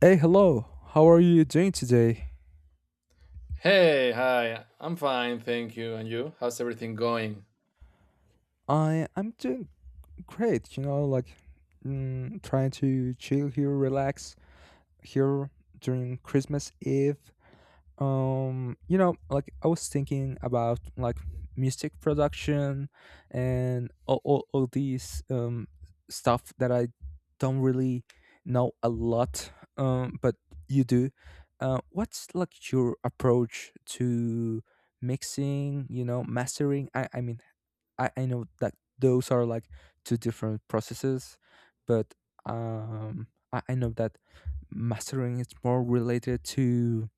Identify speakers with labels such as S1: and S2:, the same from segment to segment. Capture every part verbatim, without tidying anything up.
S1: Hey, hello. How are you doing today?
S2: Hey, hi. I'm fine, thank you. And you? How's everything going?
S1: I I'm doing great. You know, like mm, trying to chill here, relax here during Christmas Eve. Um you know like I was thinking about like music production and all, all, all these, um stuff that I don't really know a lot, um but you do. Uh what's like your approach to mixing, you know mastering? I i mean i i know that those are like two different processes, but um i, I know that mastering is more related to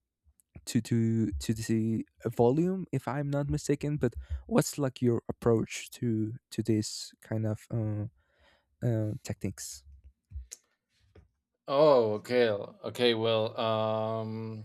S1: to to to the volume, if I'm not mistaken. But what's like your approach to to this kind of, uh, uh, techniques?
S2: Oh, okay. Okay, well, um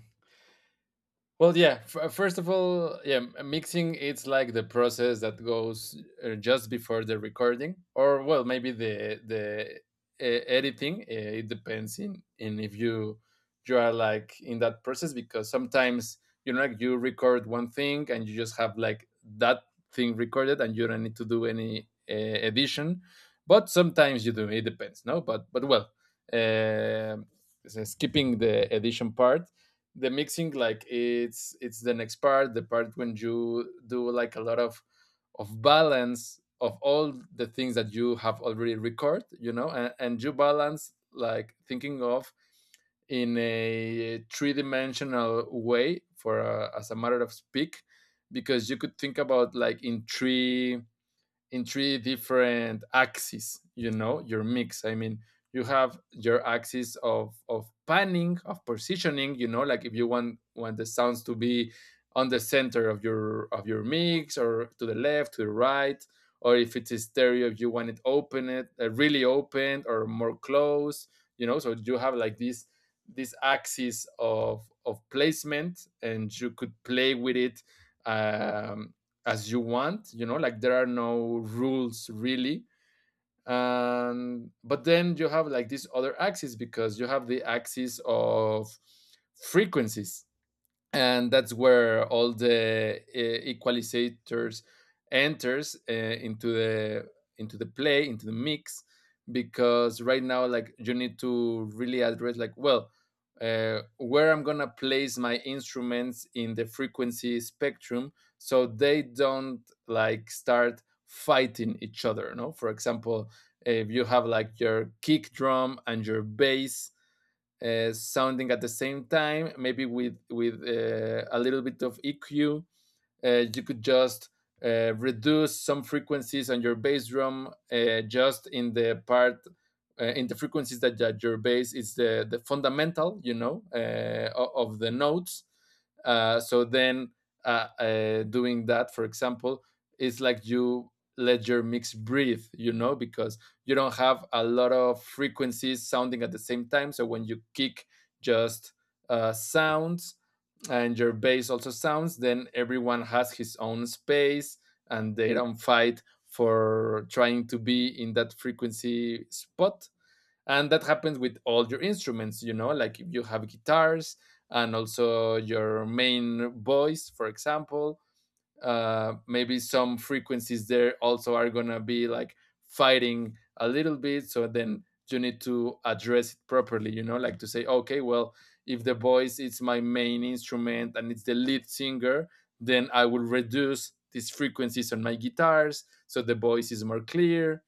S2: well, yeah. F- uh, first of all, yeah, m- mixing it's like the process that goes uh, just before the recording, or well, maybe the the uh, editing. Uh, it depends in in if you you are like in that process because sometimes you know like you record one thing and you just have like that thing recorded and you don't need to do any uh, edition, but sometimes you do. It depends, no. But but well, uh, s- skipping the edition part, the mixing like it's it's the next part, the part when you do like a lot of of balance of all the things that you have already recorded, you know, and, and you balance like thinking of in a three-dimensional way, for uh, as a matter of speak, because you could think about like in three in three different axes, you know, your mix. I mean, you have your axis of of panning, of positioning, you know, like if you want want the sounds to be on the center of your of your mix, or to the left, to the right, or if it's a stereo, if you want it open it uh, really open or more close, you know. So you have like this this axis of of placement, and you could play with it um, as you want. You know, like there are no rules really. And but then you have like this other axis because you have the axis of frequencies, and that's where all the uh, equalizators enters uh, into the into the play, into the mix, because right now like you need to really address, like, well, uh, where I'm gonna place my instruments in the frequency spectrum so they don't like start fighting each other, no? For example, if you have like your kick drum and your bass uh, sounding at the same time, maybe with with uh, a little bit of E Q, uh, you could just uh, reduce some frequencies on your bass drum, uh, just in the part, uh, in the frequencies that, that your bass is the, the fundamental, you know, uh, of the notes. Uh, so then, uh, uh, doing that, for example, is like you let your mix breathe, you know, because you don't have a lot of frequencies sounding at the same time. So when you kick just uh, sounds and your bass also sounds, then everyone has his own space and they don't fight for trying to be in that frequency spot. And that happens with all your instruments, you know, like if you have guitars and also your main voice, for example, uh, maybe some frequencies there also are gonna be like fighting a little bit. So then you need to address it properly, you know, like to say, okay, well, if the voice is my main instrument and it's the lead singer, then I will reduce these frequencies on my guitars so the voice is more clear.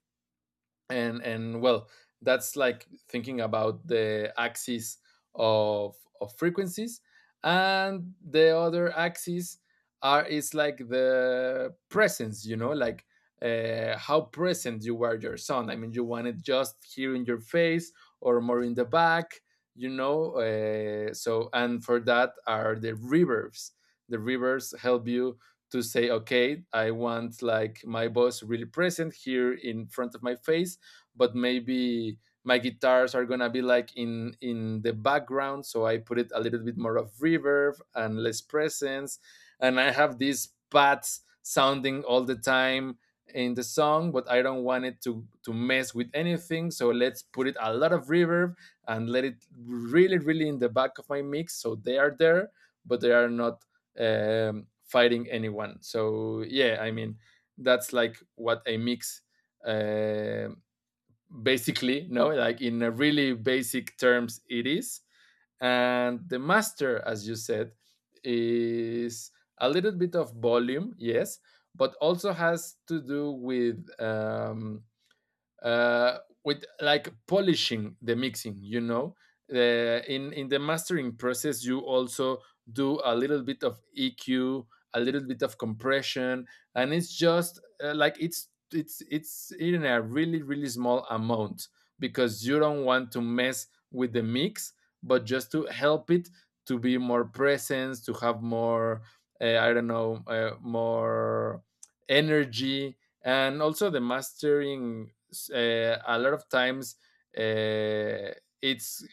S2: And and well, that's like thinking about the axis of of frequencies. And the other axis are is like the presence, you know, like uh, how present you were your sound. I mean, you want it just here in your face, or more in the back, you know. Uh, so, and for that are the reverbs. The reverbs help you to say, okay, I want like my voice really present here in front of my face, but maybe my guitars are gonna be like in in the background. So I put it a little bit more of reverb and less presence, and I have these pads sounding all the time in the song, but I don't want it to to mess with anything. So let's put it a lot of reverb and let it really really in the back of my mix so they are there but they are not um, fighting anyone. So yeah, I mean, that's like what I mix, uh, basically, no, like in a really basic terms it is. And the master, as you said, is a little bit of volume, yes, but also has to do with um, uh, with like polishing the mixing, you know. Uh, in in the mastering process you also do a little bit of E Q, a little bit of compression, and it's just uh, like it's it's it's in a really really small amount because you don't want to mess with the mix, but just to help it to be more presence, to have more, uh, I don't know, uh, more energy. And also the mastering, uh, a lot of times, uh, it's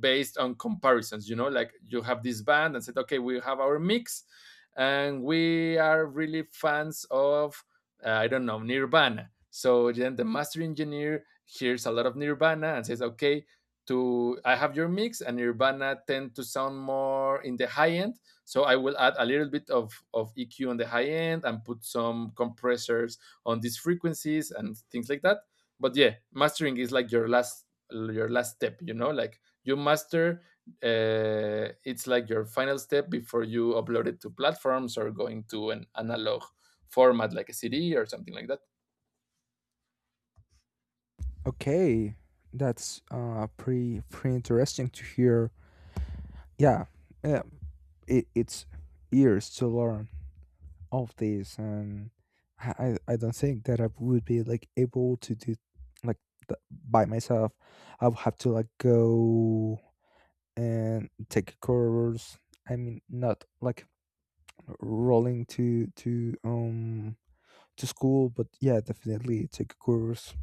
S2: based on comparisons, you know, like you have this band and said, okay, we have our mix and we are really fans of, uh, I don't know, Nirvana. So then the master engineer hears a lot of Nirvana and says, okay, to I have your mix, and Nirvana tend to sound more in the high end, so I will add a little bit of, of E Q on the high end and put some compressors on these frequencies and things like that. But yeah, mastering is like your last your last step, you know, like you master. Uh, it's like your final step before you upload it to platforms or going to an analog format like a C D or something like that.
S1: Okay, that's, uh, pretty pretty interesting to hear. Yeah, yeah, it, it's years to learn of this, and I I I don't think that I would be like able to do, like, th- by myself. I would have to like go and take a course. I mean, not like rolling to to um to school, but yeah, definitely take a course,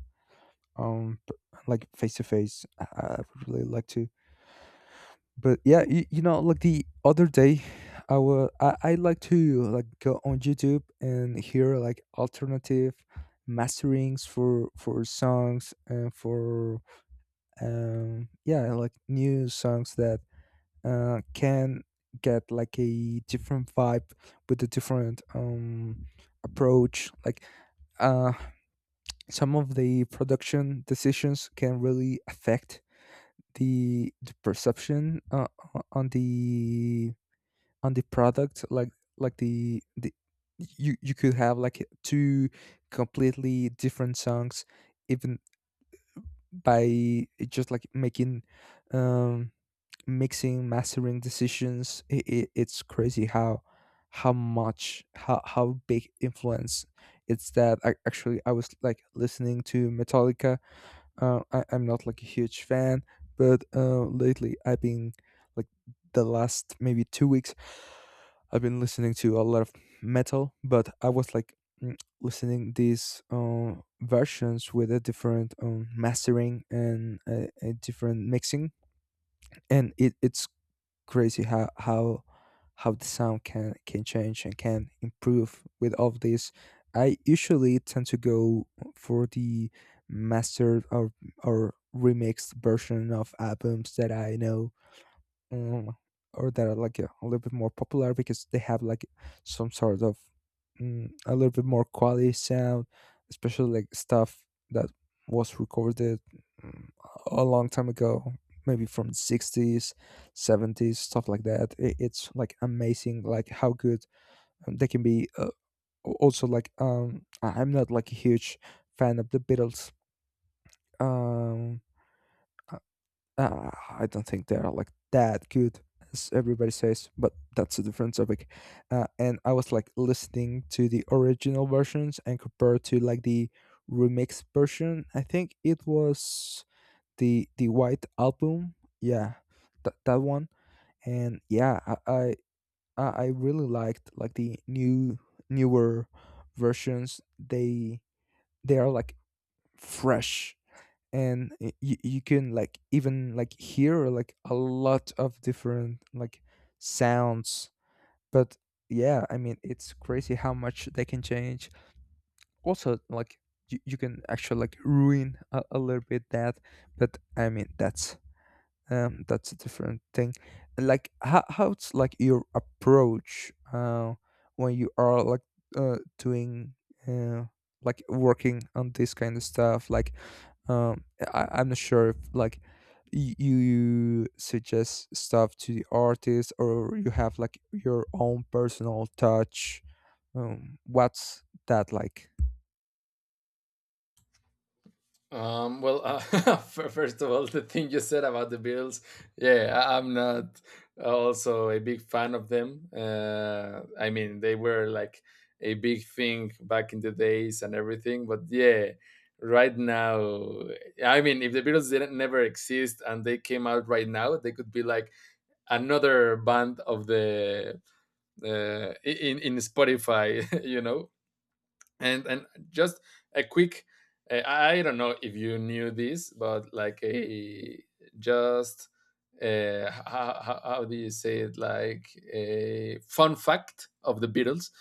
S1: um p- like face to face. I I would really like to. But yeah, you, you know like the other day, i will I, I like to like go on YouTube and hear like alternative masterings for for songs and for, um yeah, like new songs that, uh, can get like a different vibe with a different, um, approach. Like, uh, some of the production decisions can really affect the, the perception, uh, o- on the on the product. Like like the the you you could have like two completely different songs, even by just like making, um mixing mastering decisions. It, it, it's crazy how how much how how big influence it's that. I, actually, I was like listening to Metallica. Uh, I, i'm not like a huge fan, but uh, lately I've been, like the last maybe two weeks, I've been listening to a lot of metal. But I was like, mm, listening these, uh, versions with a different, um, mastering and a, a different mixing. And it, it's crazy how how how the sound can can change and can improve with all of this. I usually tend to go for the mastered or or remixed version of albums that I know, um, or that are like a, a little bit more popular because they have like some sort of, mm, a little bit more quality sound, especially like stuff that was recorded, mm, a long time ago, maybe from the sixties, seventies, stuff like that. I- it's like amazing, like how good, um, they can be. Uh, al- also, like, um, I- I'm not like a huge fan of the Beatles. Um, uh, I don't think they are like that good as everybody says, but that's a different topic. Uh, and I was like listening to the original versions and compared to like the remixed version. I think it was the the White Album. Yeah, that that one. And yeah, I I, I I really liked like the new newer versions. They they are like fresh, and y- y- you can like even like hear like a lot of different like sounds. But yeah, I mean, it's crazy how much they can change. Also, like, you, you can actually like ruin a, a little bit that. But I mean, that's um that's a different thing. Like how, how's like your approach, uh when you are like, uh doing, uh like, working on this kind of stuff, like, um I, i'm not sure if like, y- you suggest stuff to the artist or you have like your own personal touch. Um what's that like?
S2: um, Well, uh, first of all, the thing you said about the Beatles, yeah, I- I'm not also a big fan of them. uh, I mean, they were like a big thing back in the days and everything, but yeah, right now, I mean, if the Beatles didn't never exist and they came out right now, they could be like another band of the uh, in in Spotify, you know. And and just a quick, uh, I don't know if you knew this, but like a just uh, how, how, how do you say it? Like a fun fact of the Beatles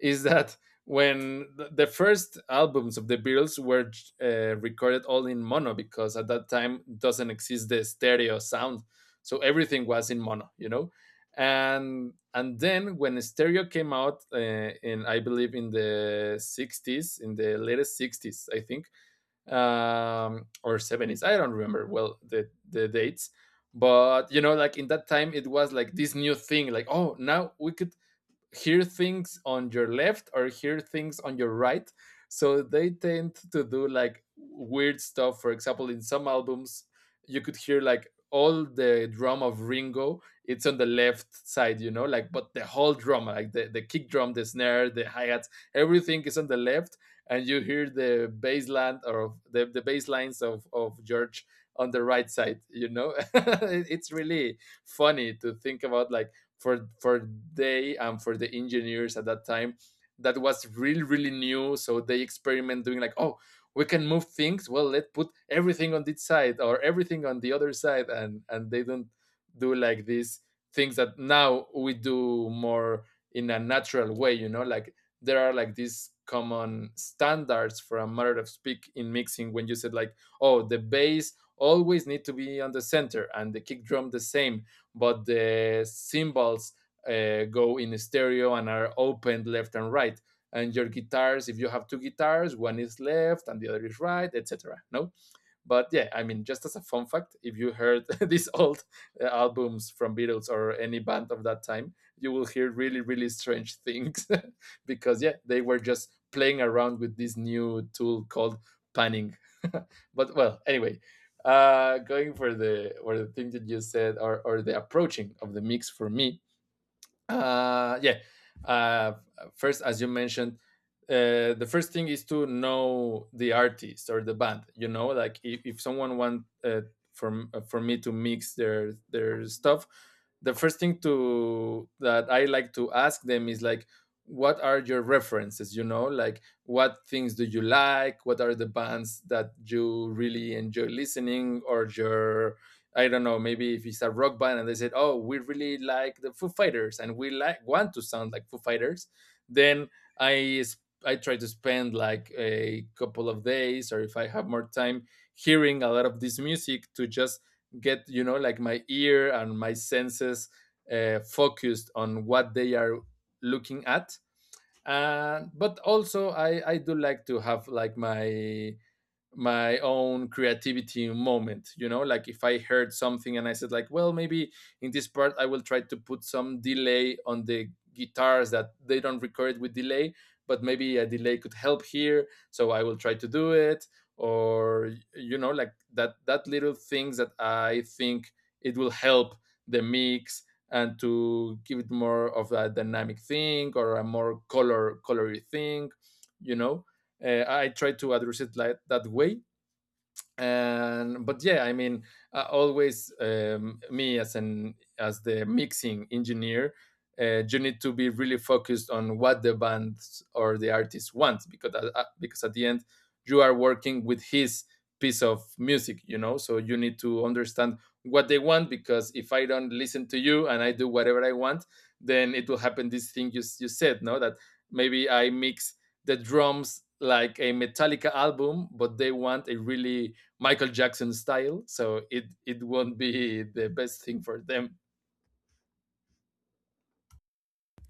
S2: is that when th- the first albums of the Beatles were uh, recorded all in mono because at that time doesn't exist the stereo sound, so everything was in mono, you know. And and then when stereo came out, uh, in, I believe in the sixties, in the latest sixties, I think, um, or seventies, I don't remember well the the dates. But you know, like, in that time it was like this new thing, like, oh, now we could hear things on your left or hear things on your right. So they tend to do like weird stuff. For example, in some albums, you could hear like all the drum of Ringo, it's on the left side, you know, like, but the whole drum, like the, the kick drum, the snare, the hi hats, everything is on the left. And you hear the bass line, or the, the bass lines of, of George, on the right side, you know. It's really funny to think about, like, for for they and for the engineers at that time, that was really really new. So they experiment doing like, oh, we can move things, well, let's put everything on this side or everything on the other side. And and they don't do like these things that now we do more in a natural way, you know, like there are like these common standards, for a matter of speak, in mixing, when you said like, oh, the bass always need to be on the center, and the kick drum the same, but the cymbals uh, go in stereo and are opened left and right, and your guitars, if you have two guitars, one is left and the other is right, etc, no. But yeah, I mean, just as a fun fact, if you heard these old uh, albums from Beatles or any band of that time, you will hear really, really strange things because yeah, they were just playing around with this new tool called panning. But well, anyway, uh, going for the or the thing that you said, or, or the approaching of the mix for me, uh, yeah. Uh, first, as you mentioned, uh, the first thing is to know the artist or the band. You know, like, if, if someone wants, uh, for for me to mix their their stuff, the first thing to that I like to ask them is like, what are your references? You know, like, what things do you like? What are the bands that you really enjoy listening or your I don't know, maybe if it's a rock band and they said, "Oh, we really like the Foo Fighters and we like want to sound like Foo Fighters," then I sp- I try to spend like a couple of days, or if I have more time, hearing a lot of this music to just get you know like my ear and my senses uh, focused on what they are looking at. And but also I I do like to have like my my own creativity moment, you know, like if I heard something and I said like, well, maybe in this part I will try to put some delay on the guitars that they don't record with delay, but maybe a delay could help here, so I will try to do it. Or you know, like that that little things that I think it will help the mix and to give it more of a dynamic thing or a more color colory thing, you know. uh, I try to address it like that way. And but yeah I mean uh, Always, um, me as an as the mixing engineer, uh, you need to be really focused on what the band or the artist wants, because at- because at the end you are working with his piece of music, you know, so you need to understand what they want. Because if I don't listen to you and I do whatever I want, then it will happen, this thing you, you said. No, that maybe I mix the drums like a Metallica album but they want a really Michael Jackson style, so it it won't be the best thing for them.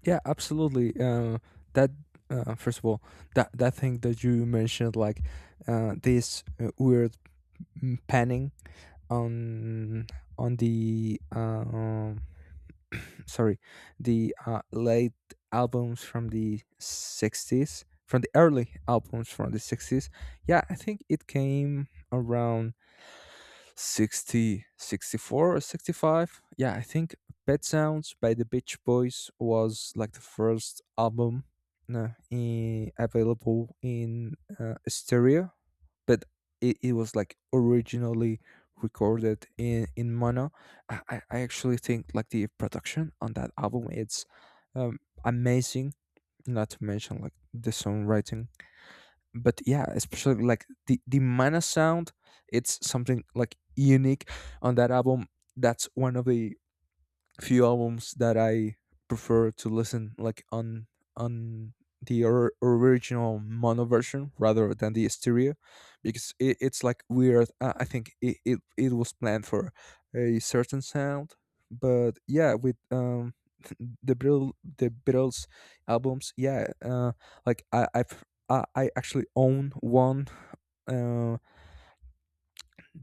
S1: Yeah, absolutely. Uh, that uh, First of all, that that thing that you mentioned, like, uh, this, uh, weird, mm, panning on on the, um, sorry, the, uh, late albums from the sixties, from the early albums from the sixties. Yeah, I think it came around sixty, sixty-four, or sixty-five. Yeah, I think Pet Sounds by the Beach Boys was like the first album, uh, in, available in, uh, stereo, but it, it was like originally recorded in, in mono. I, I I actually think like the production on that album, it's, um, amazing, not to mention like the songwriting. But yeah, especially like the the mana sound, it's something like unique on that album. That's one of the few albums that I prefer to listen like on on the, or- original mono version rather than the stereo. Because it, it's like weird. I I think it, it, it was planned for a certain sound. But yeah, with, um the Beatles, the Beatles albums, yeah, uh like, i i've i, I actually own one, um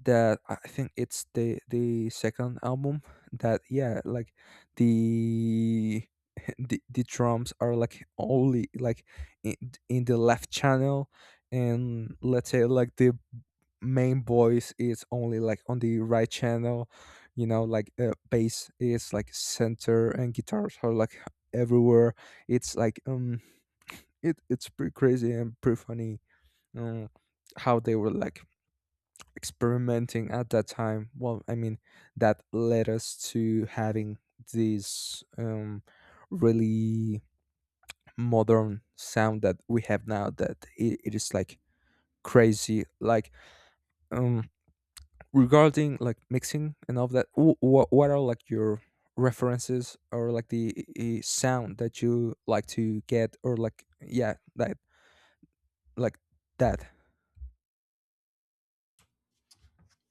S1: that I think it's the the second album. That, yeah, like, the the, the drums are like only like in, in the left channel, and let's say like the main voice is only like on the right channel. You know like uh, bass is like center and guitars are like everywhere. It's like, um it it's pretty crazy and pretty funny, um how they were like experimenting at that time. Well, I mean, that led us to having this, um really modern sound that we have now. That it, it is like crazy. Like, um regarding like mixing and all of that, what, what are like your references, or like the, uh, sound that you like to get, or like, yeah, that, like, that.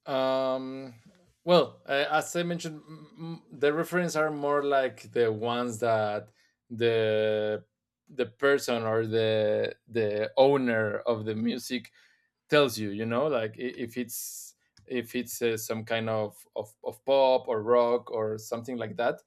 S2: Um, well, uh, as I mentioned, m- the references are more like the ones that the the person or the the owner of the music tells you, you know. Like i- if it's if it's uh, some kind of, of of pop or rock or something like that,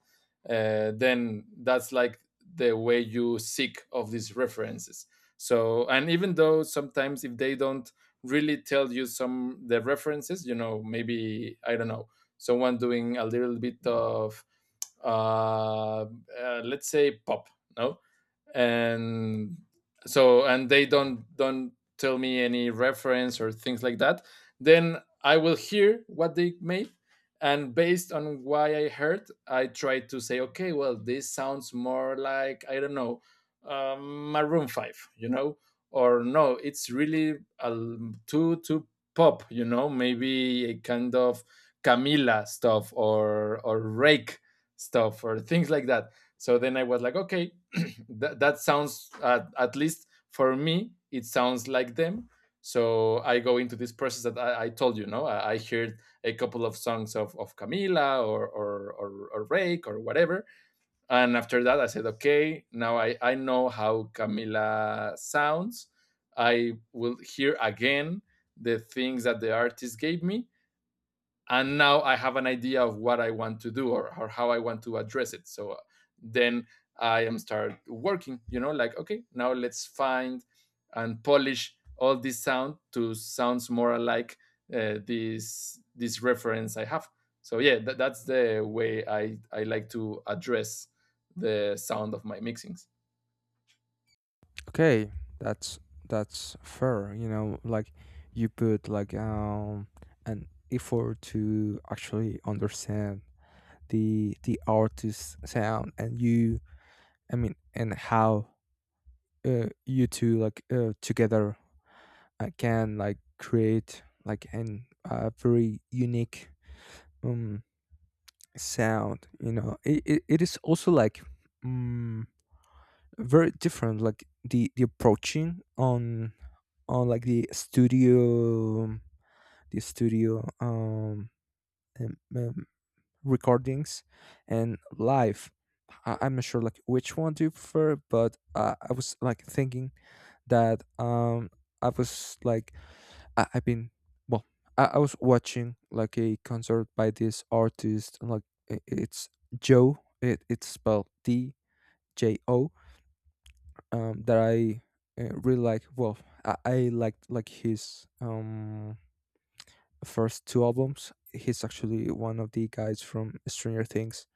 S2: uh, then that's like the way you seek of these references. So and even though sometimes if they don't really tell you some the references, you know, maybe I don't know, someone doing a little bit of uh, uh let's say pop, no, and so and they don't don't tell me any reference or things like that, then I will hear what they made. And based on why I heard, I try to say, okay, well, this sounds more like, I don't know, um, Maroon five, you know. Or no, it's really um, too too pop, you know, maybe a kind of Camila stuff or or Rake stuff or things like that. So then I was like, okay, that, that sounds uh, at least for me it sounds like them. So I go into this process that i, I told you. No, I, I heard a couple of songs of, of Camila or, or, or, or Rake or whatever. And after that I said, okay, now i, I know how Camila sounds. I will hear again the things that the artist gave me, and now I have an idea of what I want to do, or, or how I want to address it. So uh, then I am start working, you know, like okay, now let's find and polish all this sound to sounds more like uh, this this reference I have. So yeah, that, that's the way i i like to address the sound of my mixings.
S1: Okay, that's that's fair. You know, like you put like, um an effort to actually understand the the artist's sound. And you, I mean, and how, uh, you two, like, uh, together, uh, can like create like an, a very unique, um sound. You know, it it, it is also like, mm very different, like the the approaching on on like the studio the studio, um, um, um, recordings and live. I, i'm not sure like which one do you prefer, but uh, I was like thinking that, um I was like I, I've been well I, I was watching like a concert by this artist, and like, i- it's Joe. It, it's spelled d j o, um, that I, uh, really like. Well, I, I liked like his, um, first two albums. He's actually one of the guys from Stranger Things,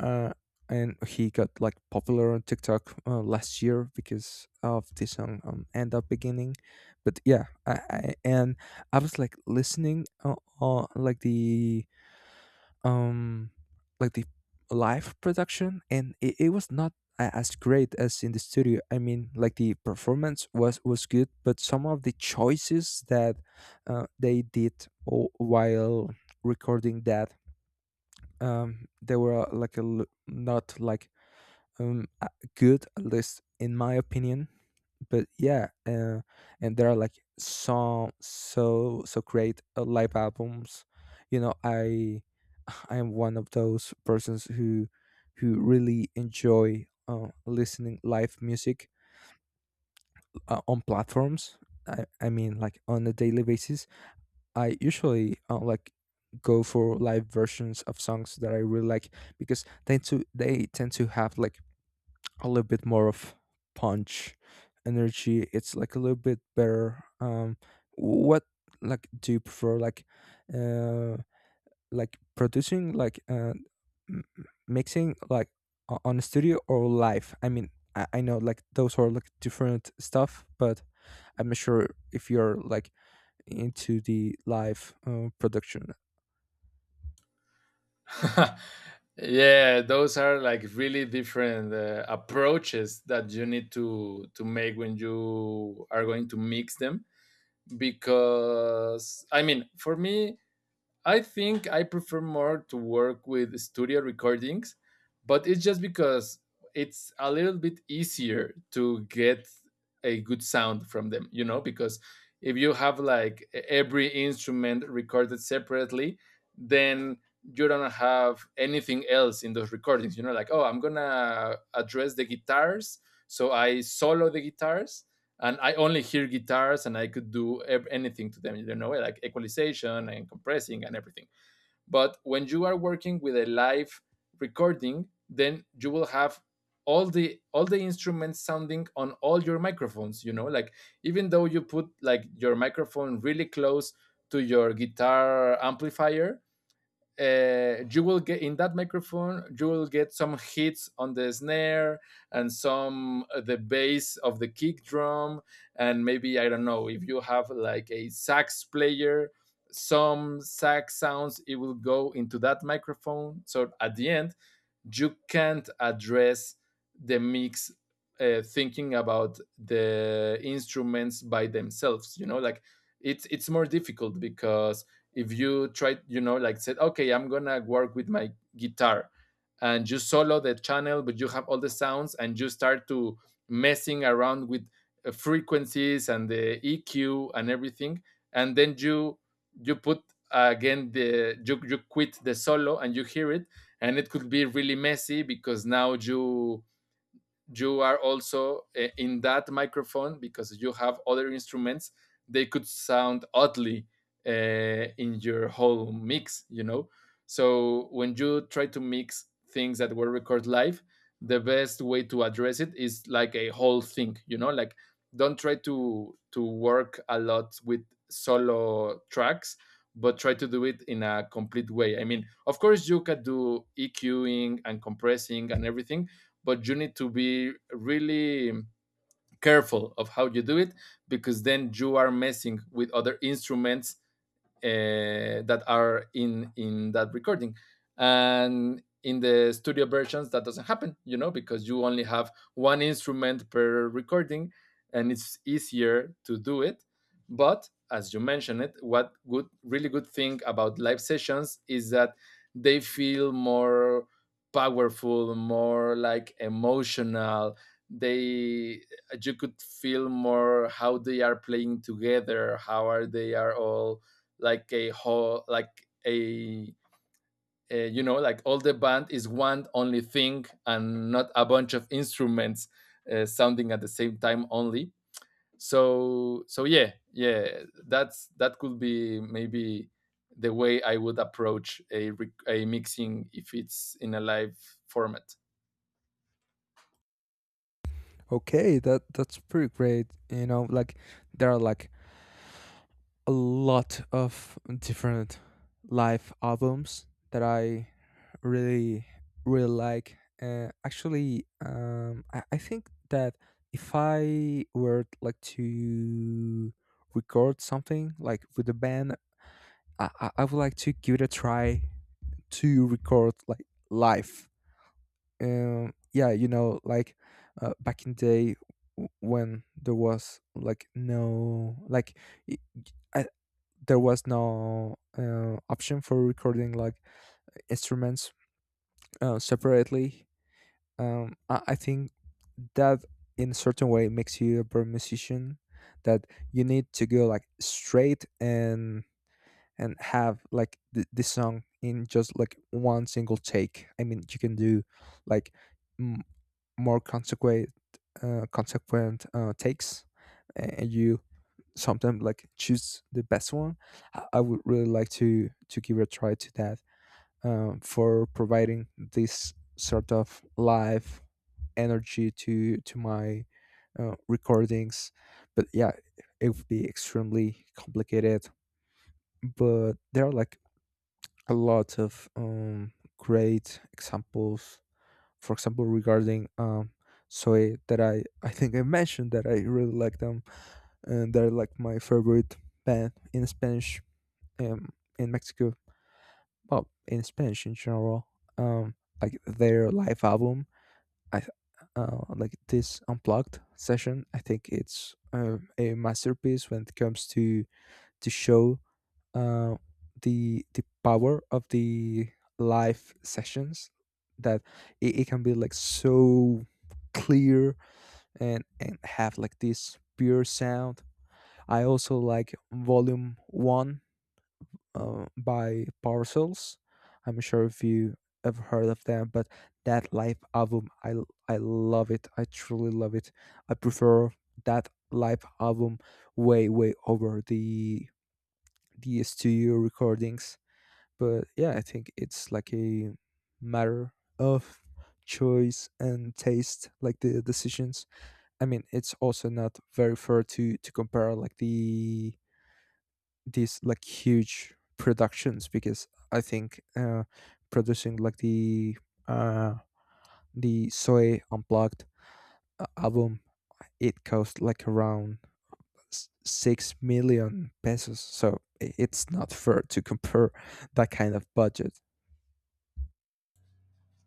S1: uh, and he got like popular on TikTok, uh, last year because of this song, um, "End Up Beginning." But yeah, I, I and I was like listening, uh, uh, like the, um like the live production, and it, it was not, a- as great as in the studio. I mean, like, the performance was was good, but some of the choices that, uh, they did, o- while recording that, um they were, uh, like a, l- not like, um uh, good, at least in my opinion. But yeah, uh, and there are like some so so great, uh, live albums. You know, I I am one of those persons who who really enjoy, uh, listening live music, uh, on platforms. I, I mean, like, on a daily basis, I usually, uh, like go for live versions of songs that I really like, because they to they tend to have like a little bit more of punch, energy. It's like a little bit better. Um what, like, do you prefer, like, uh like producing, like, uh m- mixing, like, o- on a studio or live? I mean, I, I know like those are like different stuff, but I'm not sure if you're like into the live, uh, production.
S2: Yeah, those are like really different uh, approaches that you need to to make when you are going to mix them. Because I mean, for me, I think I prefer more to work with studio recordings, but it's just because it's a little bit easier to get a good sound from them, you know, because if you have like e- every instrument recorded separately, then you don't have anything else in those recordings, you know, like, oh, I'm gonna address the guitars. So I solo the guitars and I only hear guitars, and I could do anything to them. You know, like equalization and compressing and everything. But when you are working with a live recording, then you will have all the all the instruments sounding on all your microphones. You know, like even though you put like your microphone really close to your guitar amplifier, uh, you will get in that microphone, you will get some hits on the snare and some uh, the bass of the kick drum. And maybe I don't know, if you have like a sax player, some sax sounds it will go into that microphone. So at the end you can't address the mix uh, thinking about the instruments by themselves, you know. Like it's it's more difficult because if you try, you know, like said okay, I'm gonna work with my guitar, and you solo the channel, but you have all the sounds and you start to messing around with uh, frequencies and the EQ and everything. And then you you put uh, again the you, you quit the solo and you hear it, and it could be really messy because now you you are also uh, in that microphone. Because you have other instruments, they could sound oddly uh, in your whole mix, you know. So when you try to mix things that were recorded live, the best way to address it is like a whole thing, you know, like don't try to to work a lot with solo tracks, but try to do it in a complete way. I mean, of course you can do EQing and compressing and everything, but you need to be really careful of how you do it, because then you are messing with other instruments uh, that are in in that recording. And in the studio versions that doesn't happen, you know, because you only have one instrument per recording and it's easier to do it. But as you mentioned it, what good, really good thing about live sessions is that they feel more powerful, more like emotional. They, you could feel more how they are playing together, how are they, are all like a whole, like a, a, you know, like all the band is one only thing and not a bunch of instruments uh, sounding at the same time only. So so yeah, yeah, that's that could be maybe the way I would approach a, a mixing if it's in a live format.
S1: Okay, that that's pretty great. You know, like there are like a lot of different live albums that I really really like. Uh, actually, um, I, I think that if I were like to record something like with a band, I, I I would like to give it a try to record like live. Um yeah you know like uh, back in day, w- when there was like no, like, i I, there was no, uh, option for recording like instruments, uh, separately. Um I, I think that in a certain way makes you a better musician, that you need to go like straight, and and have like, th- this song in just like one single take. I mean, you can do like more consequent uh, consequent, uh, takes, and you sometimes like choose the best one. I I would really like to to give a try to that, um, for providing this sort of live energy to to my, uh, recordings. But yeah, it would be extremely complicated. But there are like a lot of, um, great examples. For example, regarding, um Soy, that i i think I mentioned that I really like them, and they're like my favorite band in Spanish, um in Mexico. Well, in Spanish in general. um like, their live album, i th- uh, like this unplugged session, I think it's, um, a masterpiece when it comes to to show, uh, the the power of the live sessions. That it, it can be like so clear, and and have like this pure sound. I also like Volume One, uh, by Parcels. I'm sure if you have heard of them, but that live album, i l- i love it, I truly love it. I prefer that live album way way over the the studio recordings. But yeah, I think it's like a matter of choice and taste, like the decisions. I mean, it's also not very fair to to compare like the these like huge productions, because I think, uh, producing like the uh, the Soy Unplugged, uh, album, it cost like around six million pesos, so it's not fair to compare that kind of budget.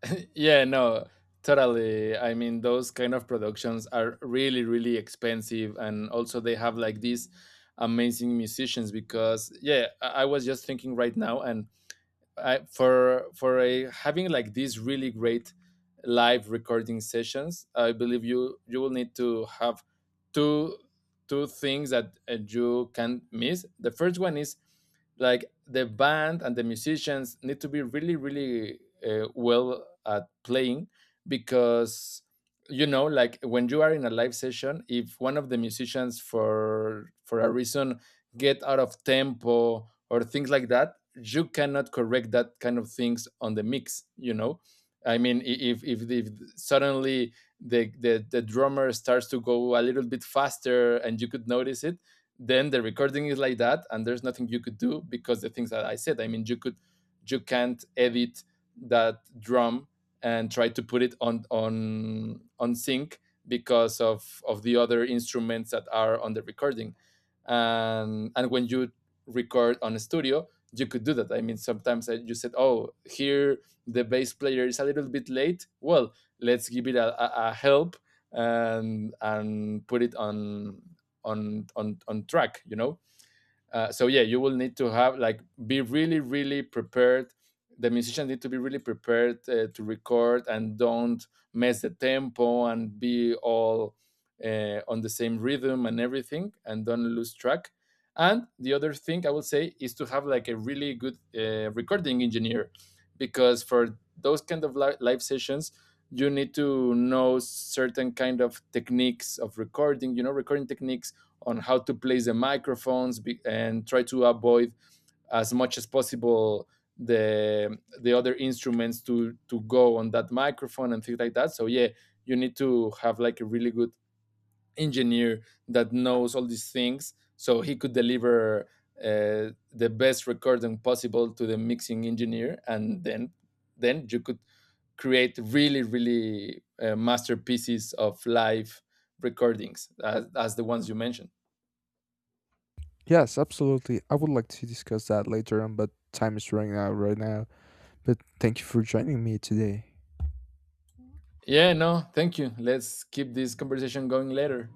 S2: Yeah, no, totally. I mean, those kind of productions are really, really expensive, and also they have like these amazing musicians. Because yeah, I I was just thinking right now, and I, for for a, having like these really great live recording sessions, I believe you you will need to have two two things that uh, you can miss. The first one is like the band and the musicians need to be really, really uh, well at playing. Because you know, like when you are in a live session, if one of the musicians for for a reason get out of tempo or things like that, you cannot correct that kind of things on the mix, you know. I mean, if if, if suddenly the, the the drummer starts to go a little bit faster and you could notice it, then the recording is like that and there's nothing you could do. Because the things that I said, I mean, you could, you can't edit that drum and try to put it on on on sync because of of the other instruments that are on the recording. And and when you record on a studio, you could do that. I mean, sometimes I, you said, "Oh, here the bass player is a little bit late. Well, let's give it a, a, a help and and put it on on on on track." You know, uh, so yeah, you will need to have like, be really, really prepared. The musicians need to be really prepared uh, to record and don't mess the tempo and be all uh, on the same rhythm and everything, and don't lose track. And the other thing I would say is to have like a really good uh, recording engineer. Because for those kind of li- live sessions, you need to know certain kind of techniques of recording, you know, recording techniques on how to place the microphones be, and try to avoid as much as possible the the other instruments to to go on that microphone and things like that. So yeah, you need to have like a really good engineer that knows all these things, so he could deliver uh, the best recording possible to the mixing engineer. And then then you could create really, really uh, masterpieces of live recordings, as, as the ones you mentioned.
S1: Yes, absolutely, I would like to discuss that later on, but time is running out right now. But thank you for joining me today.
S2: Yeah, no, thank you. Let's keep this conversation going later.